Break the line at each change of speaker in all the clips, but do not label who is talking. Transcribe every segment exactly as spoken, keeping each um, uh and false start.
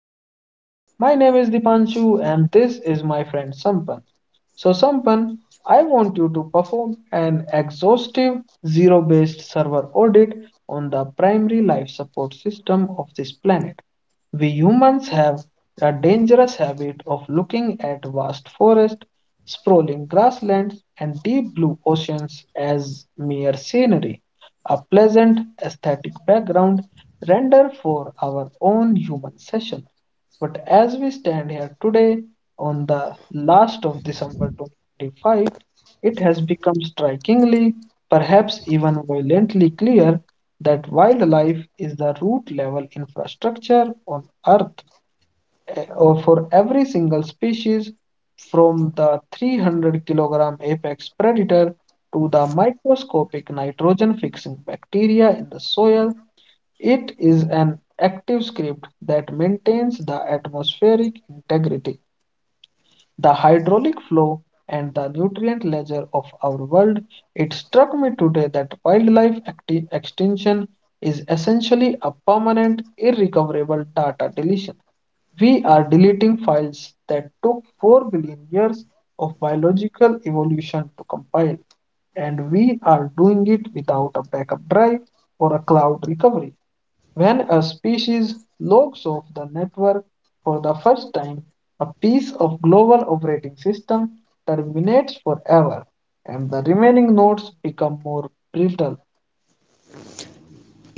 space. My name is Dipanshu and this is my friend Sampan. So Sampan, I want you to perform an exhaustive zero-based server audit on the primary life support system of this planet. We humans have a dangerous habit of looking at vast forests, sprawling grasslands, and deep blue oceans as mere scenery, a pleasant aesthetic background render for our own human session. But as we stand here today on the last of December fifth, it has become strikingly, perhaps even violently clear that wildlife is the root level infrastructure on Earth or for every single species, from the three hundred kilogram apex predator to the microscopic nitrogen fixing bacteria in the soil. It is an active script that maintains the atmospheric integrity, the hydraulic flow, and the nutrient ledger of our world. It struck me today that wildlife acti- extinction is essentially a permanent, irrecoverable data deletion. We are deleting files that took four billion years of biological evolution to compile, and we are doing it without a backup drive or a cloud recovery. When a species logs off the network for the first time, a piece of global operating system terminates forever, and the remaining nodes become more brittle.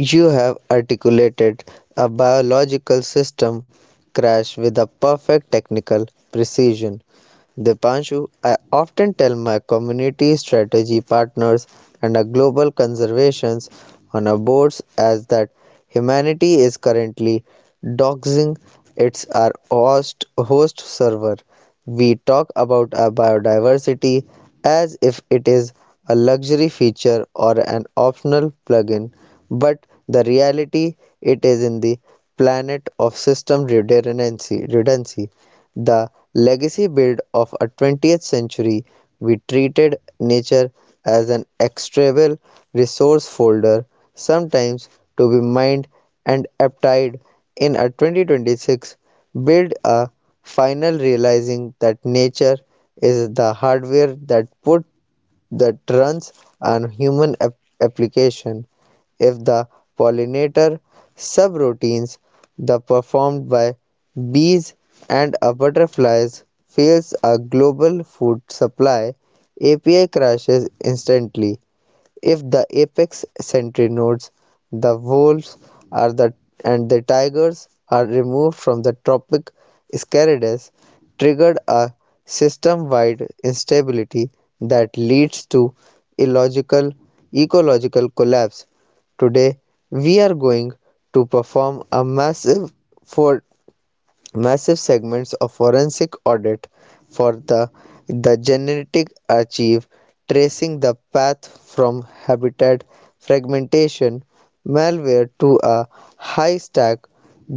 You have articulated a biological system crash with a perfect technical precision. Dipanshu, I often tell my community strategy partners and our global conservations on our boards as that humanity is currently doxing its our host, host server. We talk about our biodiversity as if it is a luxury feature or an optional plugin, but the reality it is in the planet of system redundancy. redundancy the legacy build of a twentieth century, we treated nature as an extractable resource folder, sometimes to be mined and applied in a twenty twenty-six build, a final realizing that nature is the hardware that put that runs on human ap- application. If the pollinator subroutines the performed by bees and a butterflies fails, a global food supply api crashes instantly. If the apex sentry nodes, the wolves are the, and the tigers are removed from the tropic Scarades, triggered a system-wide instability that leads to illogical ecological collapse. Today, we are going to perform a massive for massive segments of forensic audit for the the genetic archive, tracing the path from habitat fragmentation malware to a high stack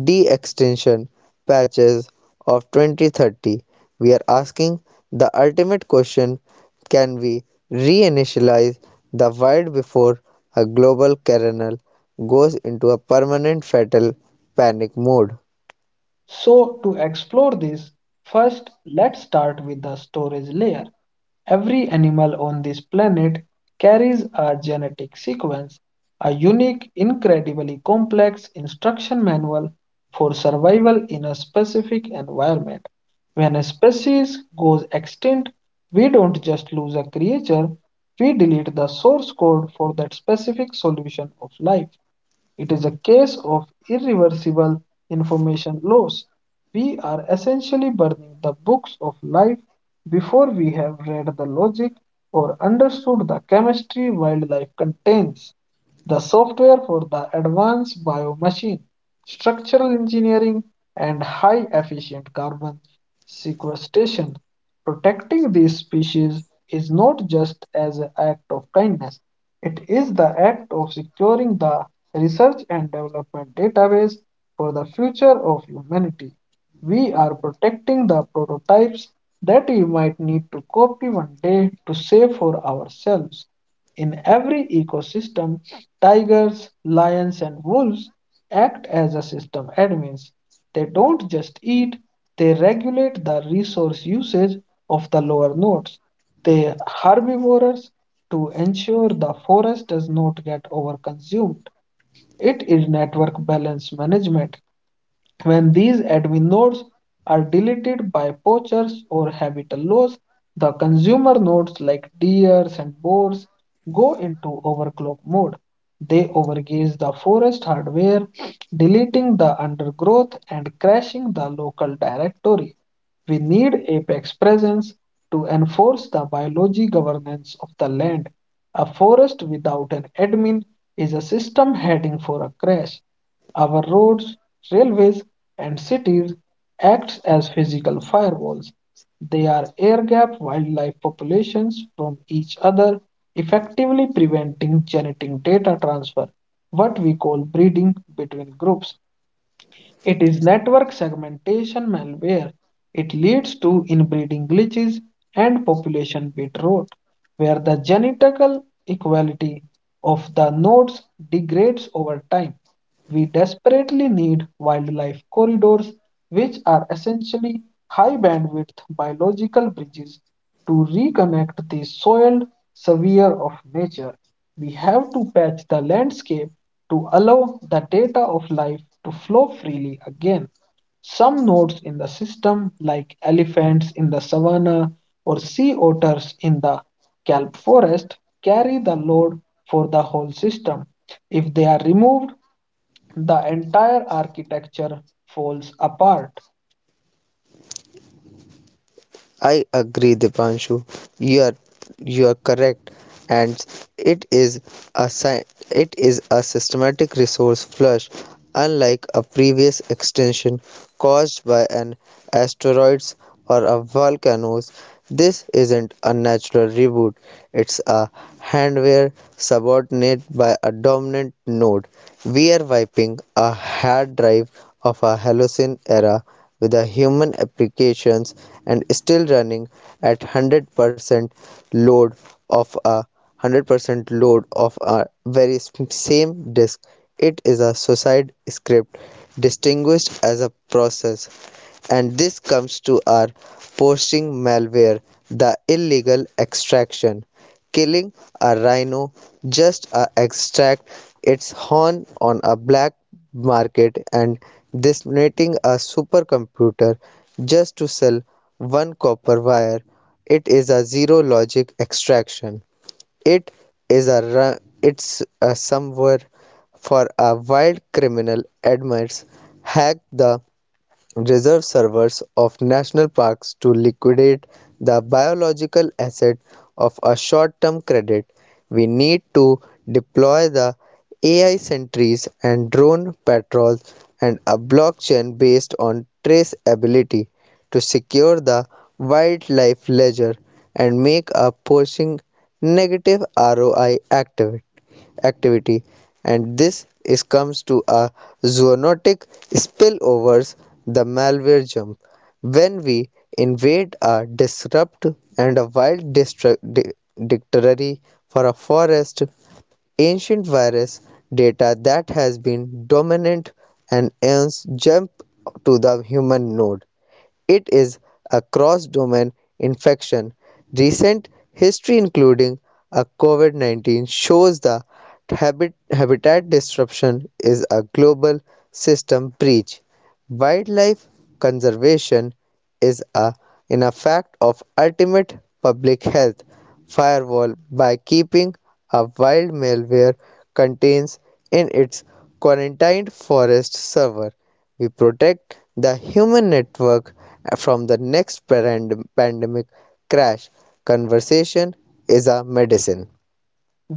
de-extinction patches of twenty thirty. We are asking the ultimate question: can we reinitialize the wild before a global kernel goes into a permanent fatal panic mode?
So, to explore this, first let's start with the storage layer. Every animal on this planet carries a genetic sequence, a unique, incredibly complex instruction manual for survival in a specific environment. When a species goes extinct, we don't just lose a creature, we delete the source code for that specific solution of life. It is a case of irreversible information loss. We are essentially burning the books of life before we have read the logic or understood the chemistry wildlife contains. The software for the advanced biomachine, structural engineering, and high efficient carbon sequestration. Protecting these species is not just as an act of kindness, it is the act of securing the research and development database for the future of humanity. We are protecting the prototypes that we might need to copy one day to save for ourselves. In every ecosystem, tigers, lions, and wolves act as a system admins. They don't just eat, they regulate the resource usage of the lower nodes. They are herbivores to ensure the forest does not get overconsumed. It is network balance management. When these admin nodes are deleted by poachers or habitat loss, the consumer nodes like deers and boars go into overclock mode. They overgaze the forest hardware, deleting the undergrowth and crashing the local directory. We need apex presence to enforce the biology governance of the land. A forest without an admin is a system heading for a crash. Our roads, railways, and cities act as physical firewalls. They are air gap wildlife populations from each other, effectively preventing genetic data transfer, what we call breeding between groups. It is network segmentation malware. It leads to inbreeding glitches and population bit rot, where the genetical equality of the nodes degrades over time. We desperately need wildlife corridors, which are essentially high bandwidth biological bridges to reconnect the soiled sphere of nature. We have to patch the landscape to allow the data of life to flow freely again. Some nodes in the system, like elephants in the savanna or sea otters in the kelp forest, carry the load for the whole system. If they are removed, the entire architecture falls apart.
I agree, Dipanshu. You are you are correct, and it is a sy- it is a systematic resource flush, unlike a previous extinction caused by an asteroids or a volcanoes. This isn't a natural reboot. It's a handware subordinate by a dominant node. We are wiping a hard drive of a Holocene era with the human applications and still running at one hundred percent load of a one hundred percent load of a very same disk. It is a suicide script distinguished as a process, and this comes to our posting malware, the illegal extraction. Killing a rhino just to extract its horn on a black market and detonating a supercomputer just to sell one copper wire. It is a zero logic extraction. It is a ru- it's a somewhere for a wild criminal admits hack the reserve servers of national parks to liquidate the biological asset of a short-term credit. We need to deploy the A I sentries and drone patrols and a blockchain based on traceability to secure the wildlife ledger and make a pushing negative R O I active activity. And this is comes to a zoonotic spillovers, the malware jump when we invade a disrupt and a wild dictionary for a forest, ancient virus data that has been dominant and ends jump to the human node. It is a cross-domain infection. Recent history including a COVID nineteen shows the habit- habitat disruption is a global system breach. Wildlife conservation is a in a fact of ultimate public health firewall. By keeping a wild malware contains in its quarantined forest server, we protect the human network from the next pand- pandemic crash. Conversation is a medicine.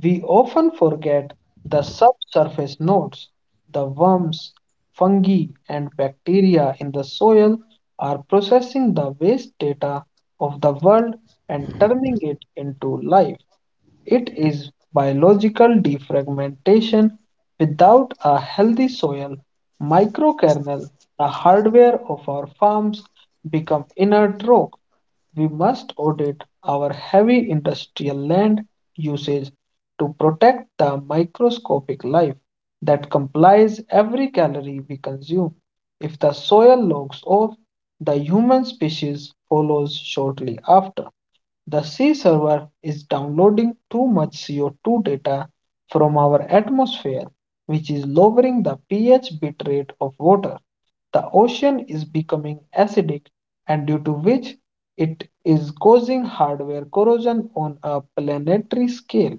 We often forget the subsurface nodes. The worms, fungi, and bacteria in the soil are processing the waste data of the world and turning it into life. It is biological defragmentation. Without a healthy soil microkernel, the hardware of our farms become inert rock. We must audit our heavy industrial land usage to protect the microscopic life that complies every calorie we consume. If the soil logs off, the human species follows shortly after. The sea server is downloading too much C O two data from our atmosphere, which is lowering the pH bitrate of water. The ocean is becoming acidic, and due to which it is causing hardware corrosion on a planetary scale.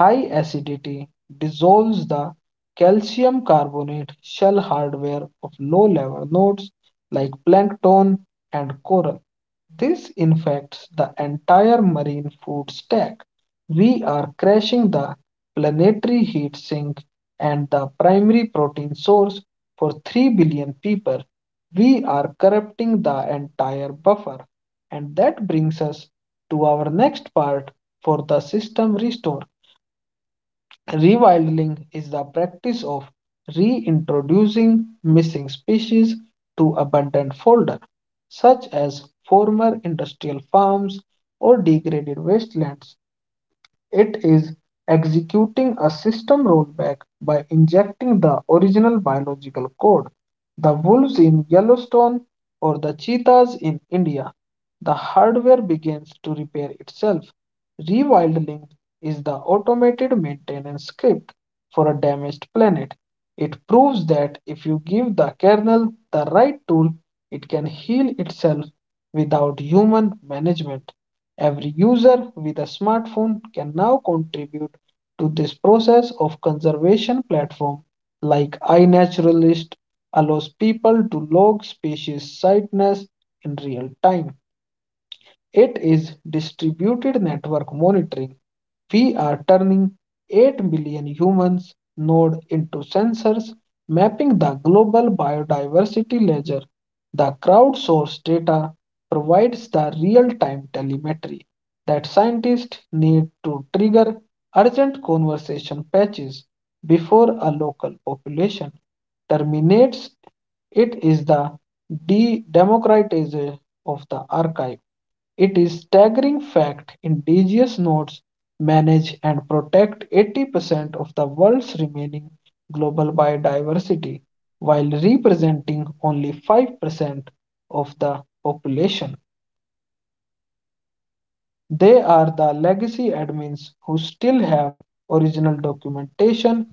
High acidity dissolves the calcium carbonate shell hardware of low-level nodes like plankton and coral. This infects the entire marine food stack. We are crashing the planetary heat sink and the primary protein source for three billion people. We are corrupting the entire buffer. And that brings us to our next part for the system restore. Rewilding is the practice of reintroducing missing species to abundant folder, such as former industrial farms or degraded wastelands. It is executing a system rollback by injecting the original biological code. The wolves in Yellowstone or the cheetahs in India. The hardware begins to repair itself. Rewilding is the automated maintenance script for a damaged planet. It proves that if you give the kernel the right tool, it can heal itself without human management. Every user with a smartphone can now contribute to this process of conservation platform like iNaturalist allows people to log species sightness in real time. It is distributed network monitoring. We are turning eight billion humans node into sensors, mapping the global biodiversity ledger. The crowdsourced data provides the real-time telemetry that scientists need to trigger urgent conservation patches before a local population terminates. It is the de-democratization of the archive. It is staggering fact indigenous nodes manage and protect eighty percent of the world's remaining global biodiversity while representing only five percent of the population. They are the legacy admins who still have original documentation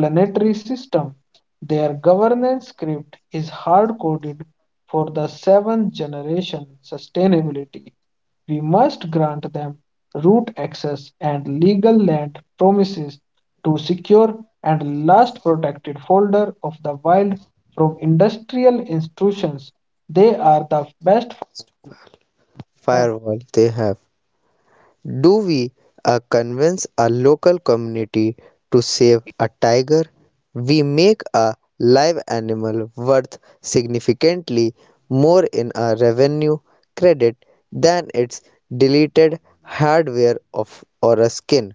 planetary system. Their governance script is hard coded for the seventh generation sustainability. We must grant them root access and legal land promises to secure and last protected folder of the wild from industrial institutions. They are the best for them.
Firewall they have. Do we uh, convince a local community to save a tiger? We make a live animal worth significantly more in our revenue credit than its deleted hardware of, or a skin.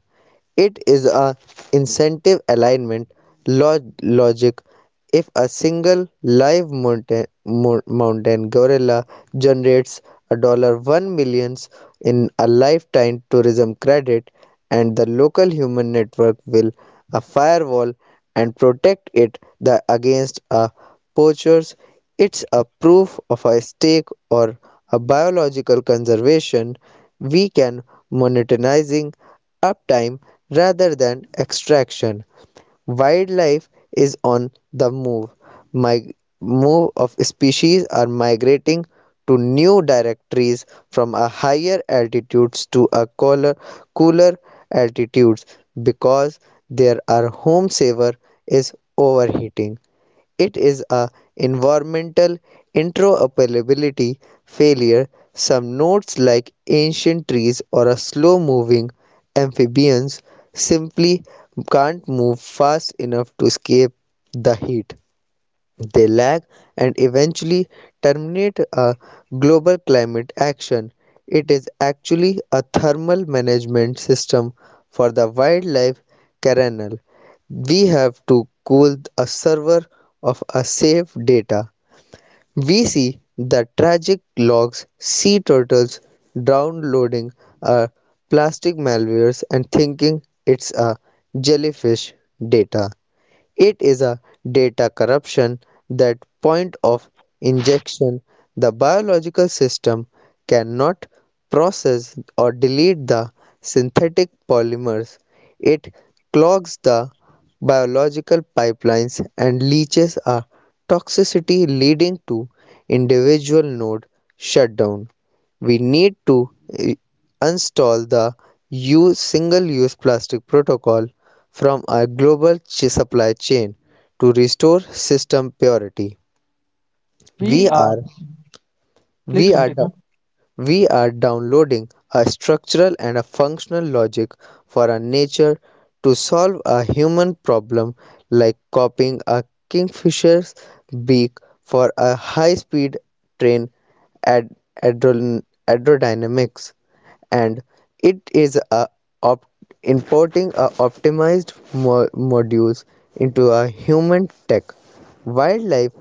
It is a incentive alignment log- logic. If a single live mountain, mo- mountain gorilla generates a dollar one millions in a lifetime tourism credit, and the local human network will a firewall and protect it the, against a poachers, it's a proof of a stake or a biological conservation. We can monetizing uptime rather than extraction. Wildlife is on the move. My move of species are migrating to new directories from a higher altitudes to a cooler, cooler altitudes because their our home saver is overheating. It is a environmental interoperability failure. Some nodes like ancient trees or a slow-moving amphibians simply can't move fast enough to escape the heat. They lag and eventually terminate a global climate action. It is actually a thermal management system for the wildlife kernel. We have to cool a server of a safe data. We see the tragic logs, sea turtles downloading a plastic malwares and thinking it's a jellyfish data. It is a data corruption that point of injection. The biological system cannot process or delete the synthetic polymers. It clogs the biological pipelines and leaches a toxicity leading to individual node shutdown. We need to uninstall the use single-use plastic protocol from our global supply chain to restore system purity. We
We
are
are,
we
please
are
continue.
we are downloading a structural and a functional logic for our nature to solve a human problem like copying a kingfisher's beak for a high-speed train ad- aerodynamics, and it is a op- importing a optimized mo- modules into a human tech. Wildlife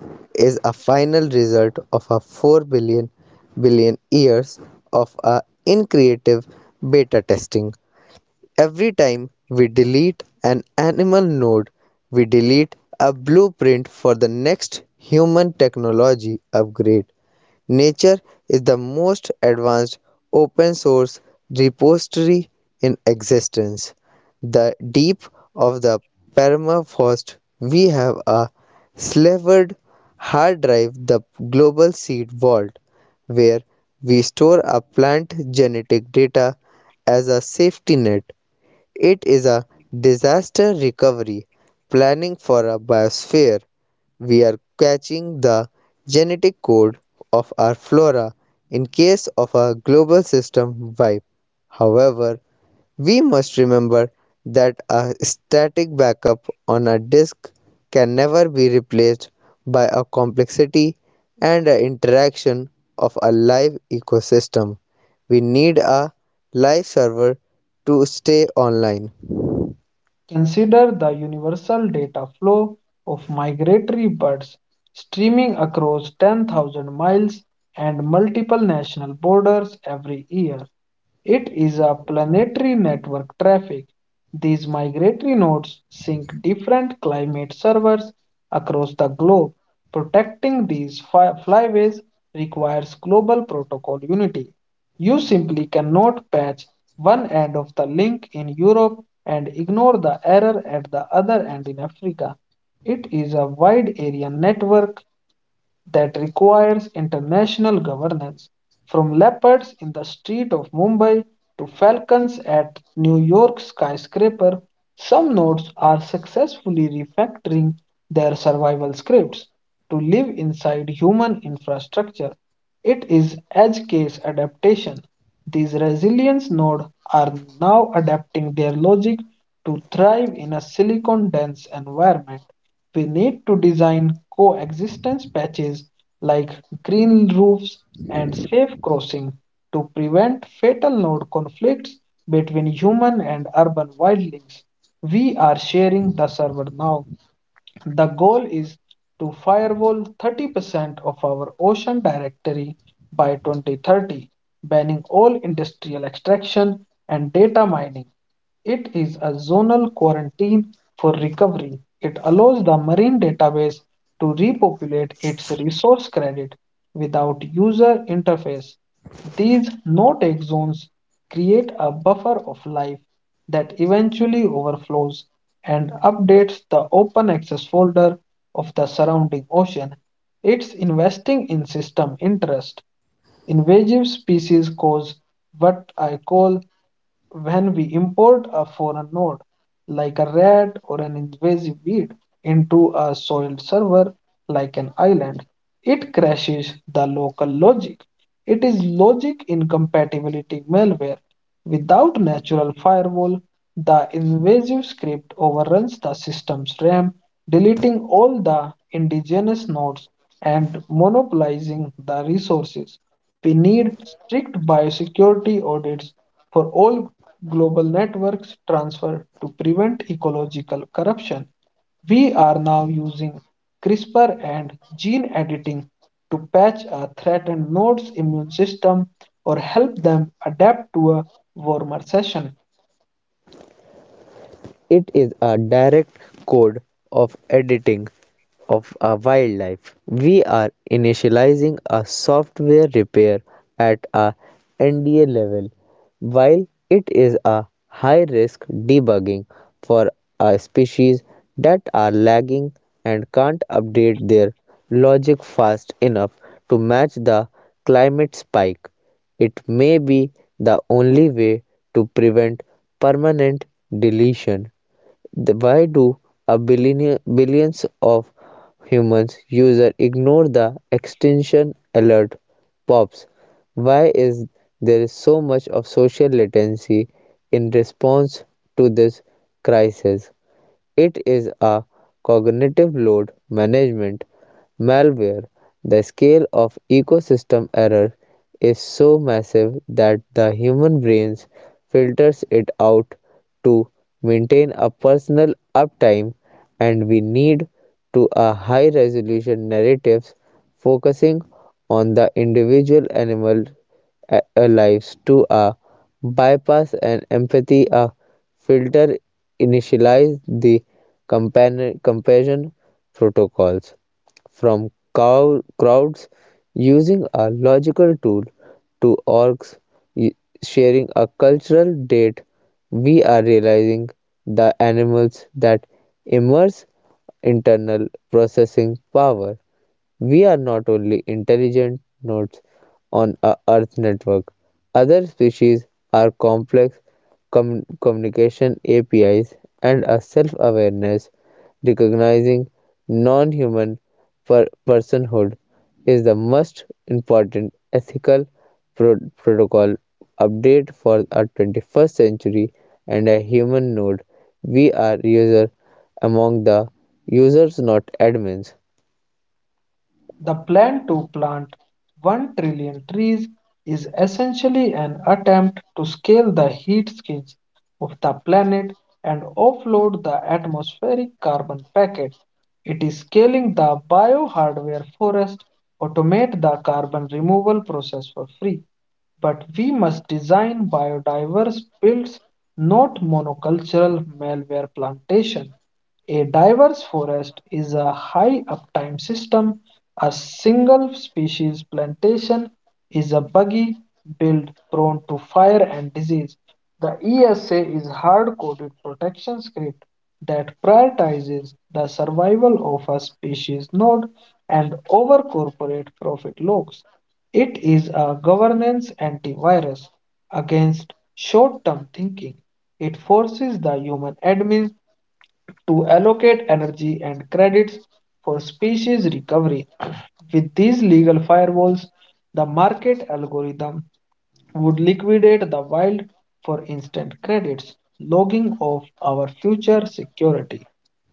is a final result of a four billion billion years of a increative beta testing. Every time we delete an animal node, we delete a blueprint for the next human technology upgrade. Nature is the most advanced open source repository in existence. The deep of the permafrost, we have a slavered hard drive, the global seed vault, where we store our plant genetic data as a safety net. It is a disaster recovery planning for a biosphere. We are catching the genetic code of our flora in case of a global system wipe. However, we must remember that a static backup on a disk can never be replaced by a complexity and a interaction of a live ecosystem. We need a live server to stay online.
Consider the universal data flow of migratory birds streaming across ten thousand miles and multiple national borders every year. It is a planetary network traffic. These migratory nodes sync different climate servers across the globe. Protecting these fly- flyways requires global protocol unity. You simply cannot patch one end of the link in Europe and ignore the error at the other end in Africa. It is a wide area network that requires international governance, from leopards in the street of Mumbai to falcons at New York's skyscraper. Some nodes are successfully refactoring their survival scripts to live inside human infrastructure. It is edge case adaptation, these resilience nodes are now adapting their logic to thrive in a silicon-dense environment. We need to design coexistence patches like green roofs and safe crossing to prevent fatal node conflicts between human and urban wildlings. We are sharing the server now. The goal is to firewall thirty percent of our ocean directory by twenty thirty, banning all industrial extraction and data mining. It is a zonal quarantine for recovery. It allows the marine database to repopulate its resource credit without user interface. These no-take zones create a buffer of life that eventually overflows and updates the open access folder of the surrounding ocean. It's investing in system interest. Invasive species cause what I call when we import a foreign node like a rat or an invasive weed into a soiled server like an island. It crashes the local logic. It is logic incompatibility malware. Without natural firewall, the invasive script overruns the system's RAM, deleting all the indigenous nodes and monopolizing the resources. We need strict biosecurity audits for all global networks transfer to prevent ecological corruption. We are now using CRISPR and gene editing to patch a threatened node's immune system or help them adapt to a warmer session.
It is a direct code of editing of a wildlife. We are initializing a software repair at a N D A level while it is a high risk debugging for a species that are lagging and can't update their logic fast enough to match the climate spike. It may be the only way to prevent permanent deletion. The- Why do a billion, billions of humans user ignore the extinction alert pops? Why is there so much of social latency in response to this crisis? It is a cognitive load management malware. The scale of ecosystem error is so massive that the human brain filters it out to maintain a personal uptime, and we need to a high resolution narratives focusing on the individual animal a- arrives to a bypass and empathy a filter initialize the compani- comparison protocols from cow- crowds using a logical tool to orgs y- sharing a cultural date. We are realizing the animals that immerse internal processing power, we are not only intelligent nodes on a Earth network. Other species are complex com- communication A P Is and a self-awareness. Recognizing non-human per- personhood is the most important ethical pro- protocol update for our twenty-first century and a human node. We are user among the users, not admins.
The plan to plant one trillion trees is essentially an attempt to scale the heat skills of the planet and offload the atmospheric carbon packet. It is scaling the biohardware forest, automate the carbon removal process for free, but we must design biodiverse fields, not monocultural malware plantation. A diverse forest is a high uptime system. A single species plantation is a buggy build prone to fire and disease. The E S A is hard-coded protection script that prioritizes the survival of a species node and over corporate profit logs. It is a governance antivirus against short term thinking. It forces the human admin to allocate energy and credits for species recovery. With these legal firewalls, the market algorithm would liquidate the wild for instant credits, logging of our future security.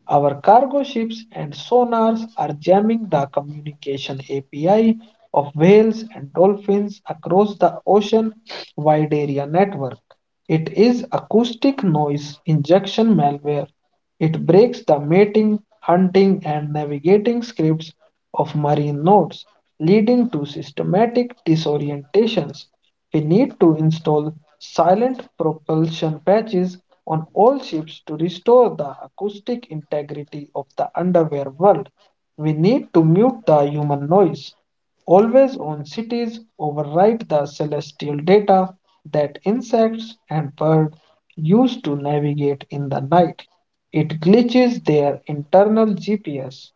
Our cargo ships and sonars are jamming the communication A P I whales and dolphins across the ocean wide area network. It is acoustic noise injection malware. It breaks the mating, hunting, and navigating scripts of marine nodes, leading to systematic disorientations. We need to install silent propulsion patches on all to restore the acoustic integrity of the underwear world, we need to mute the human noise. Always on cities, override the celestial data that insects and birds use to navigate in the night. It glitches their internal G P S.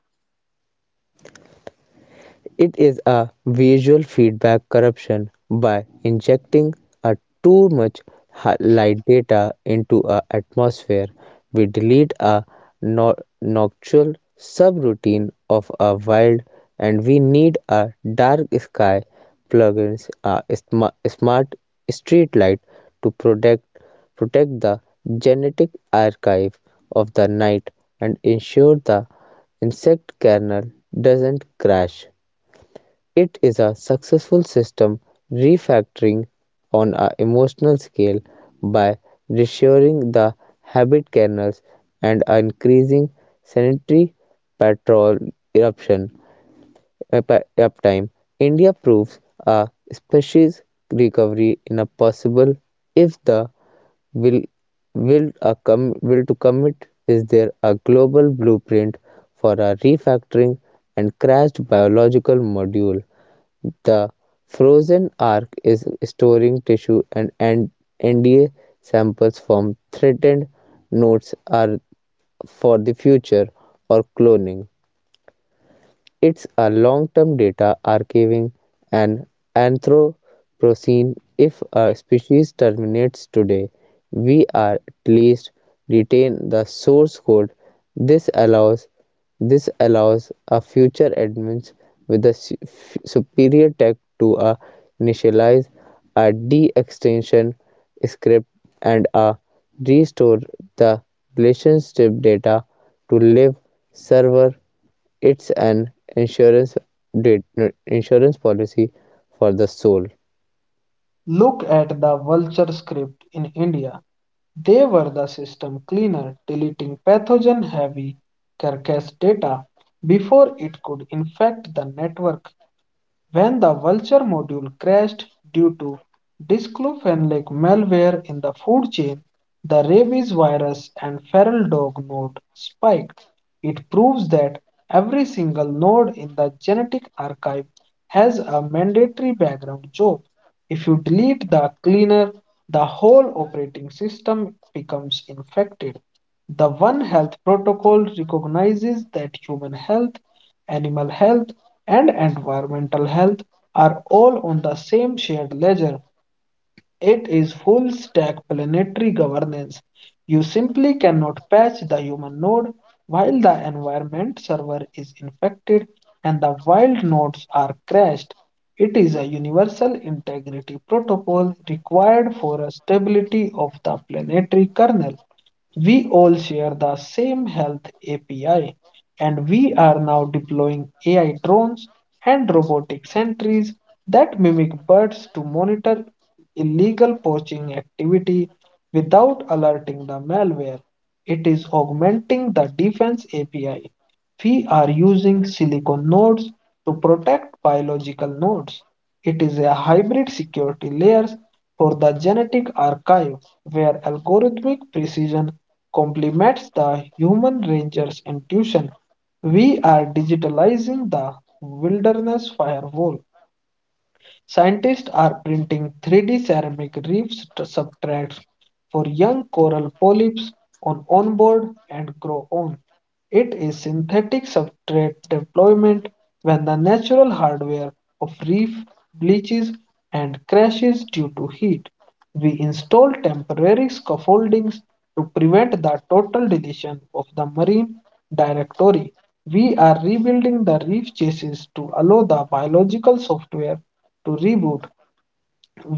It is a visual feedback corruption by injecting a too much hi- light data into a atmosphere. We delete a no- nocturnal subroutine of a wild, and we need a dark sky plugins a sma- smart street light to protect protect the genetic archive of the night and ensure the insect kernel doesn't crash. It is a successful system refactoring on a emotional scale by reassuring the habit kernels and increasing sanitary patrol eruption up- uptime. India proves a species recovery in a possible if the will will, a com- will to commit is there a global blueprint for a refactoring and crashed biological module. The frozen ark is storing tissue and, and N D A samples from threatened nodes are for the future or cloning. It's a long-term data archiving and Anthropocene. If a species terminates today, we are at least retain the source code. This allows this allows a future admins with a superior tech to uh, initialize a de-extinction script and uh, restore the relationship data to live server. It's an insurance did insurance policy for the soul.
Look at the vulture script in India. They were the system cleaner, deleting pathogen heavy carcass data before it would infect the network. When the Vulture module crashed due to disclophenolic malware in the food chain, the rabies virus and feral dog node spiked. It proves that every single node in the genetic archive has a mandatory background job. If you delete the cleaner, the whole operation system becomes infected. The One Health protocol recognizes that human health, animal health, and environmental health are all on the same shared ledger. It is full stack planetary governance. You simply cannot patch the human node while the environment server is infected and the wild nodes are crashed. It is a universal integrity protocol required for a stability of the planetary kernel. We all share the same health A P I, and we are now deploying A I drones and robotic sentries that mimic birds to monitor illegal poaching activity without alerting the malware. It is augmenting the defense A P I, we are using silicon nodes to protect biological nodes. It is a hybrid security layer for the genetic archive where algorithmic precision complements the human ranger's intuition. We are digitalizing the wilderness firewall. Scientists are printing three D ceramic reef st- substrates for young coral polyps on onboard and grow on. It is synthetic substrate deployment when the natural hardware of reef bleaches and crashes due to heat. We install temporary scaffoldings to prevent the total deletion of the marine directory. We are rebuilding the reef chases to allow the biological software to reboot.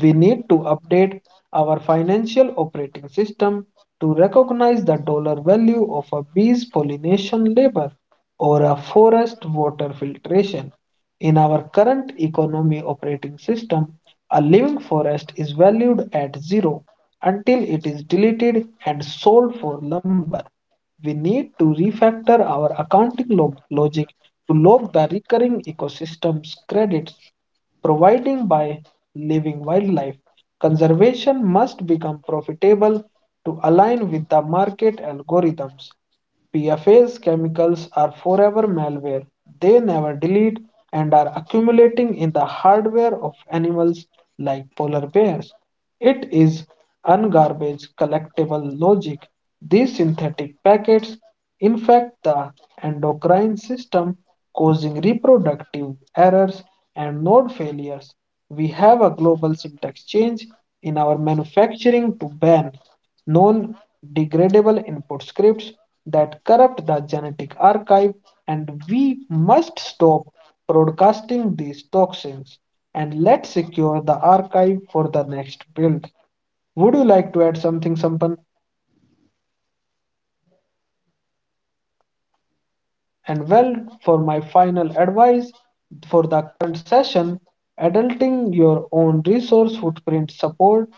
We need to update our financial operating system to recognize the dollar value of a bee's pollination labor or a forest water filtration. In our current economy operating system, a living forest is valued at zero until it is deleted and sold for lumber. We need to refactor our accounting log- logic to log the recurring ecosystems credits providing by living wildlife, conservation must become profitable to align with the market algorithms. P F A S chemicals are forever malware. They never delete and are accumulating in the hardware of animals like polar bears. It is ungarbage collectible logic. These synthetic packets infect the endocrine system causing reproductive errors and node failures. We have a global change in our manufacturing to ban non degradable input scripts that corrupt the genetic archive, and we must stop broadcasting these toxins and let's secure the archive for the next build. Would you like to add something, Sampan? And well, for my final advice for the current session, adulting your own resource footprint, support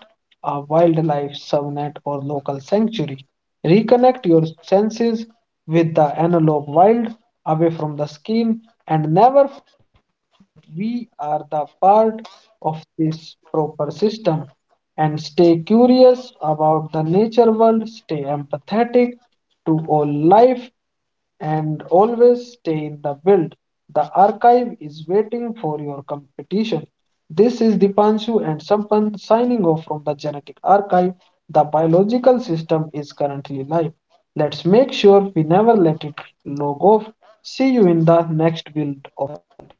a wildlife subnet or local sanctuary. Reconnect your senses with the analog wild away from the screen and never we are the part of this proper system and stay curious about the nature world, stay empathetic to all life, and always stay in the build. The archive is waiting for your competition. This is Dipanshu and Sampan signing off from the genetic archive. The biological system is currently live. Let's make sure we never let it log off. See you in the next build.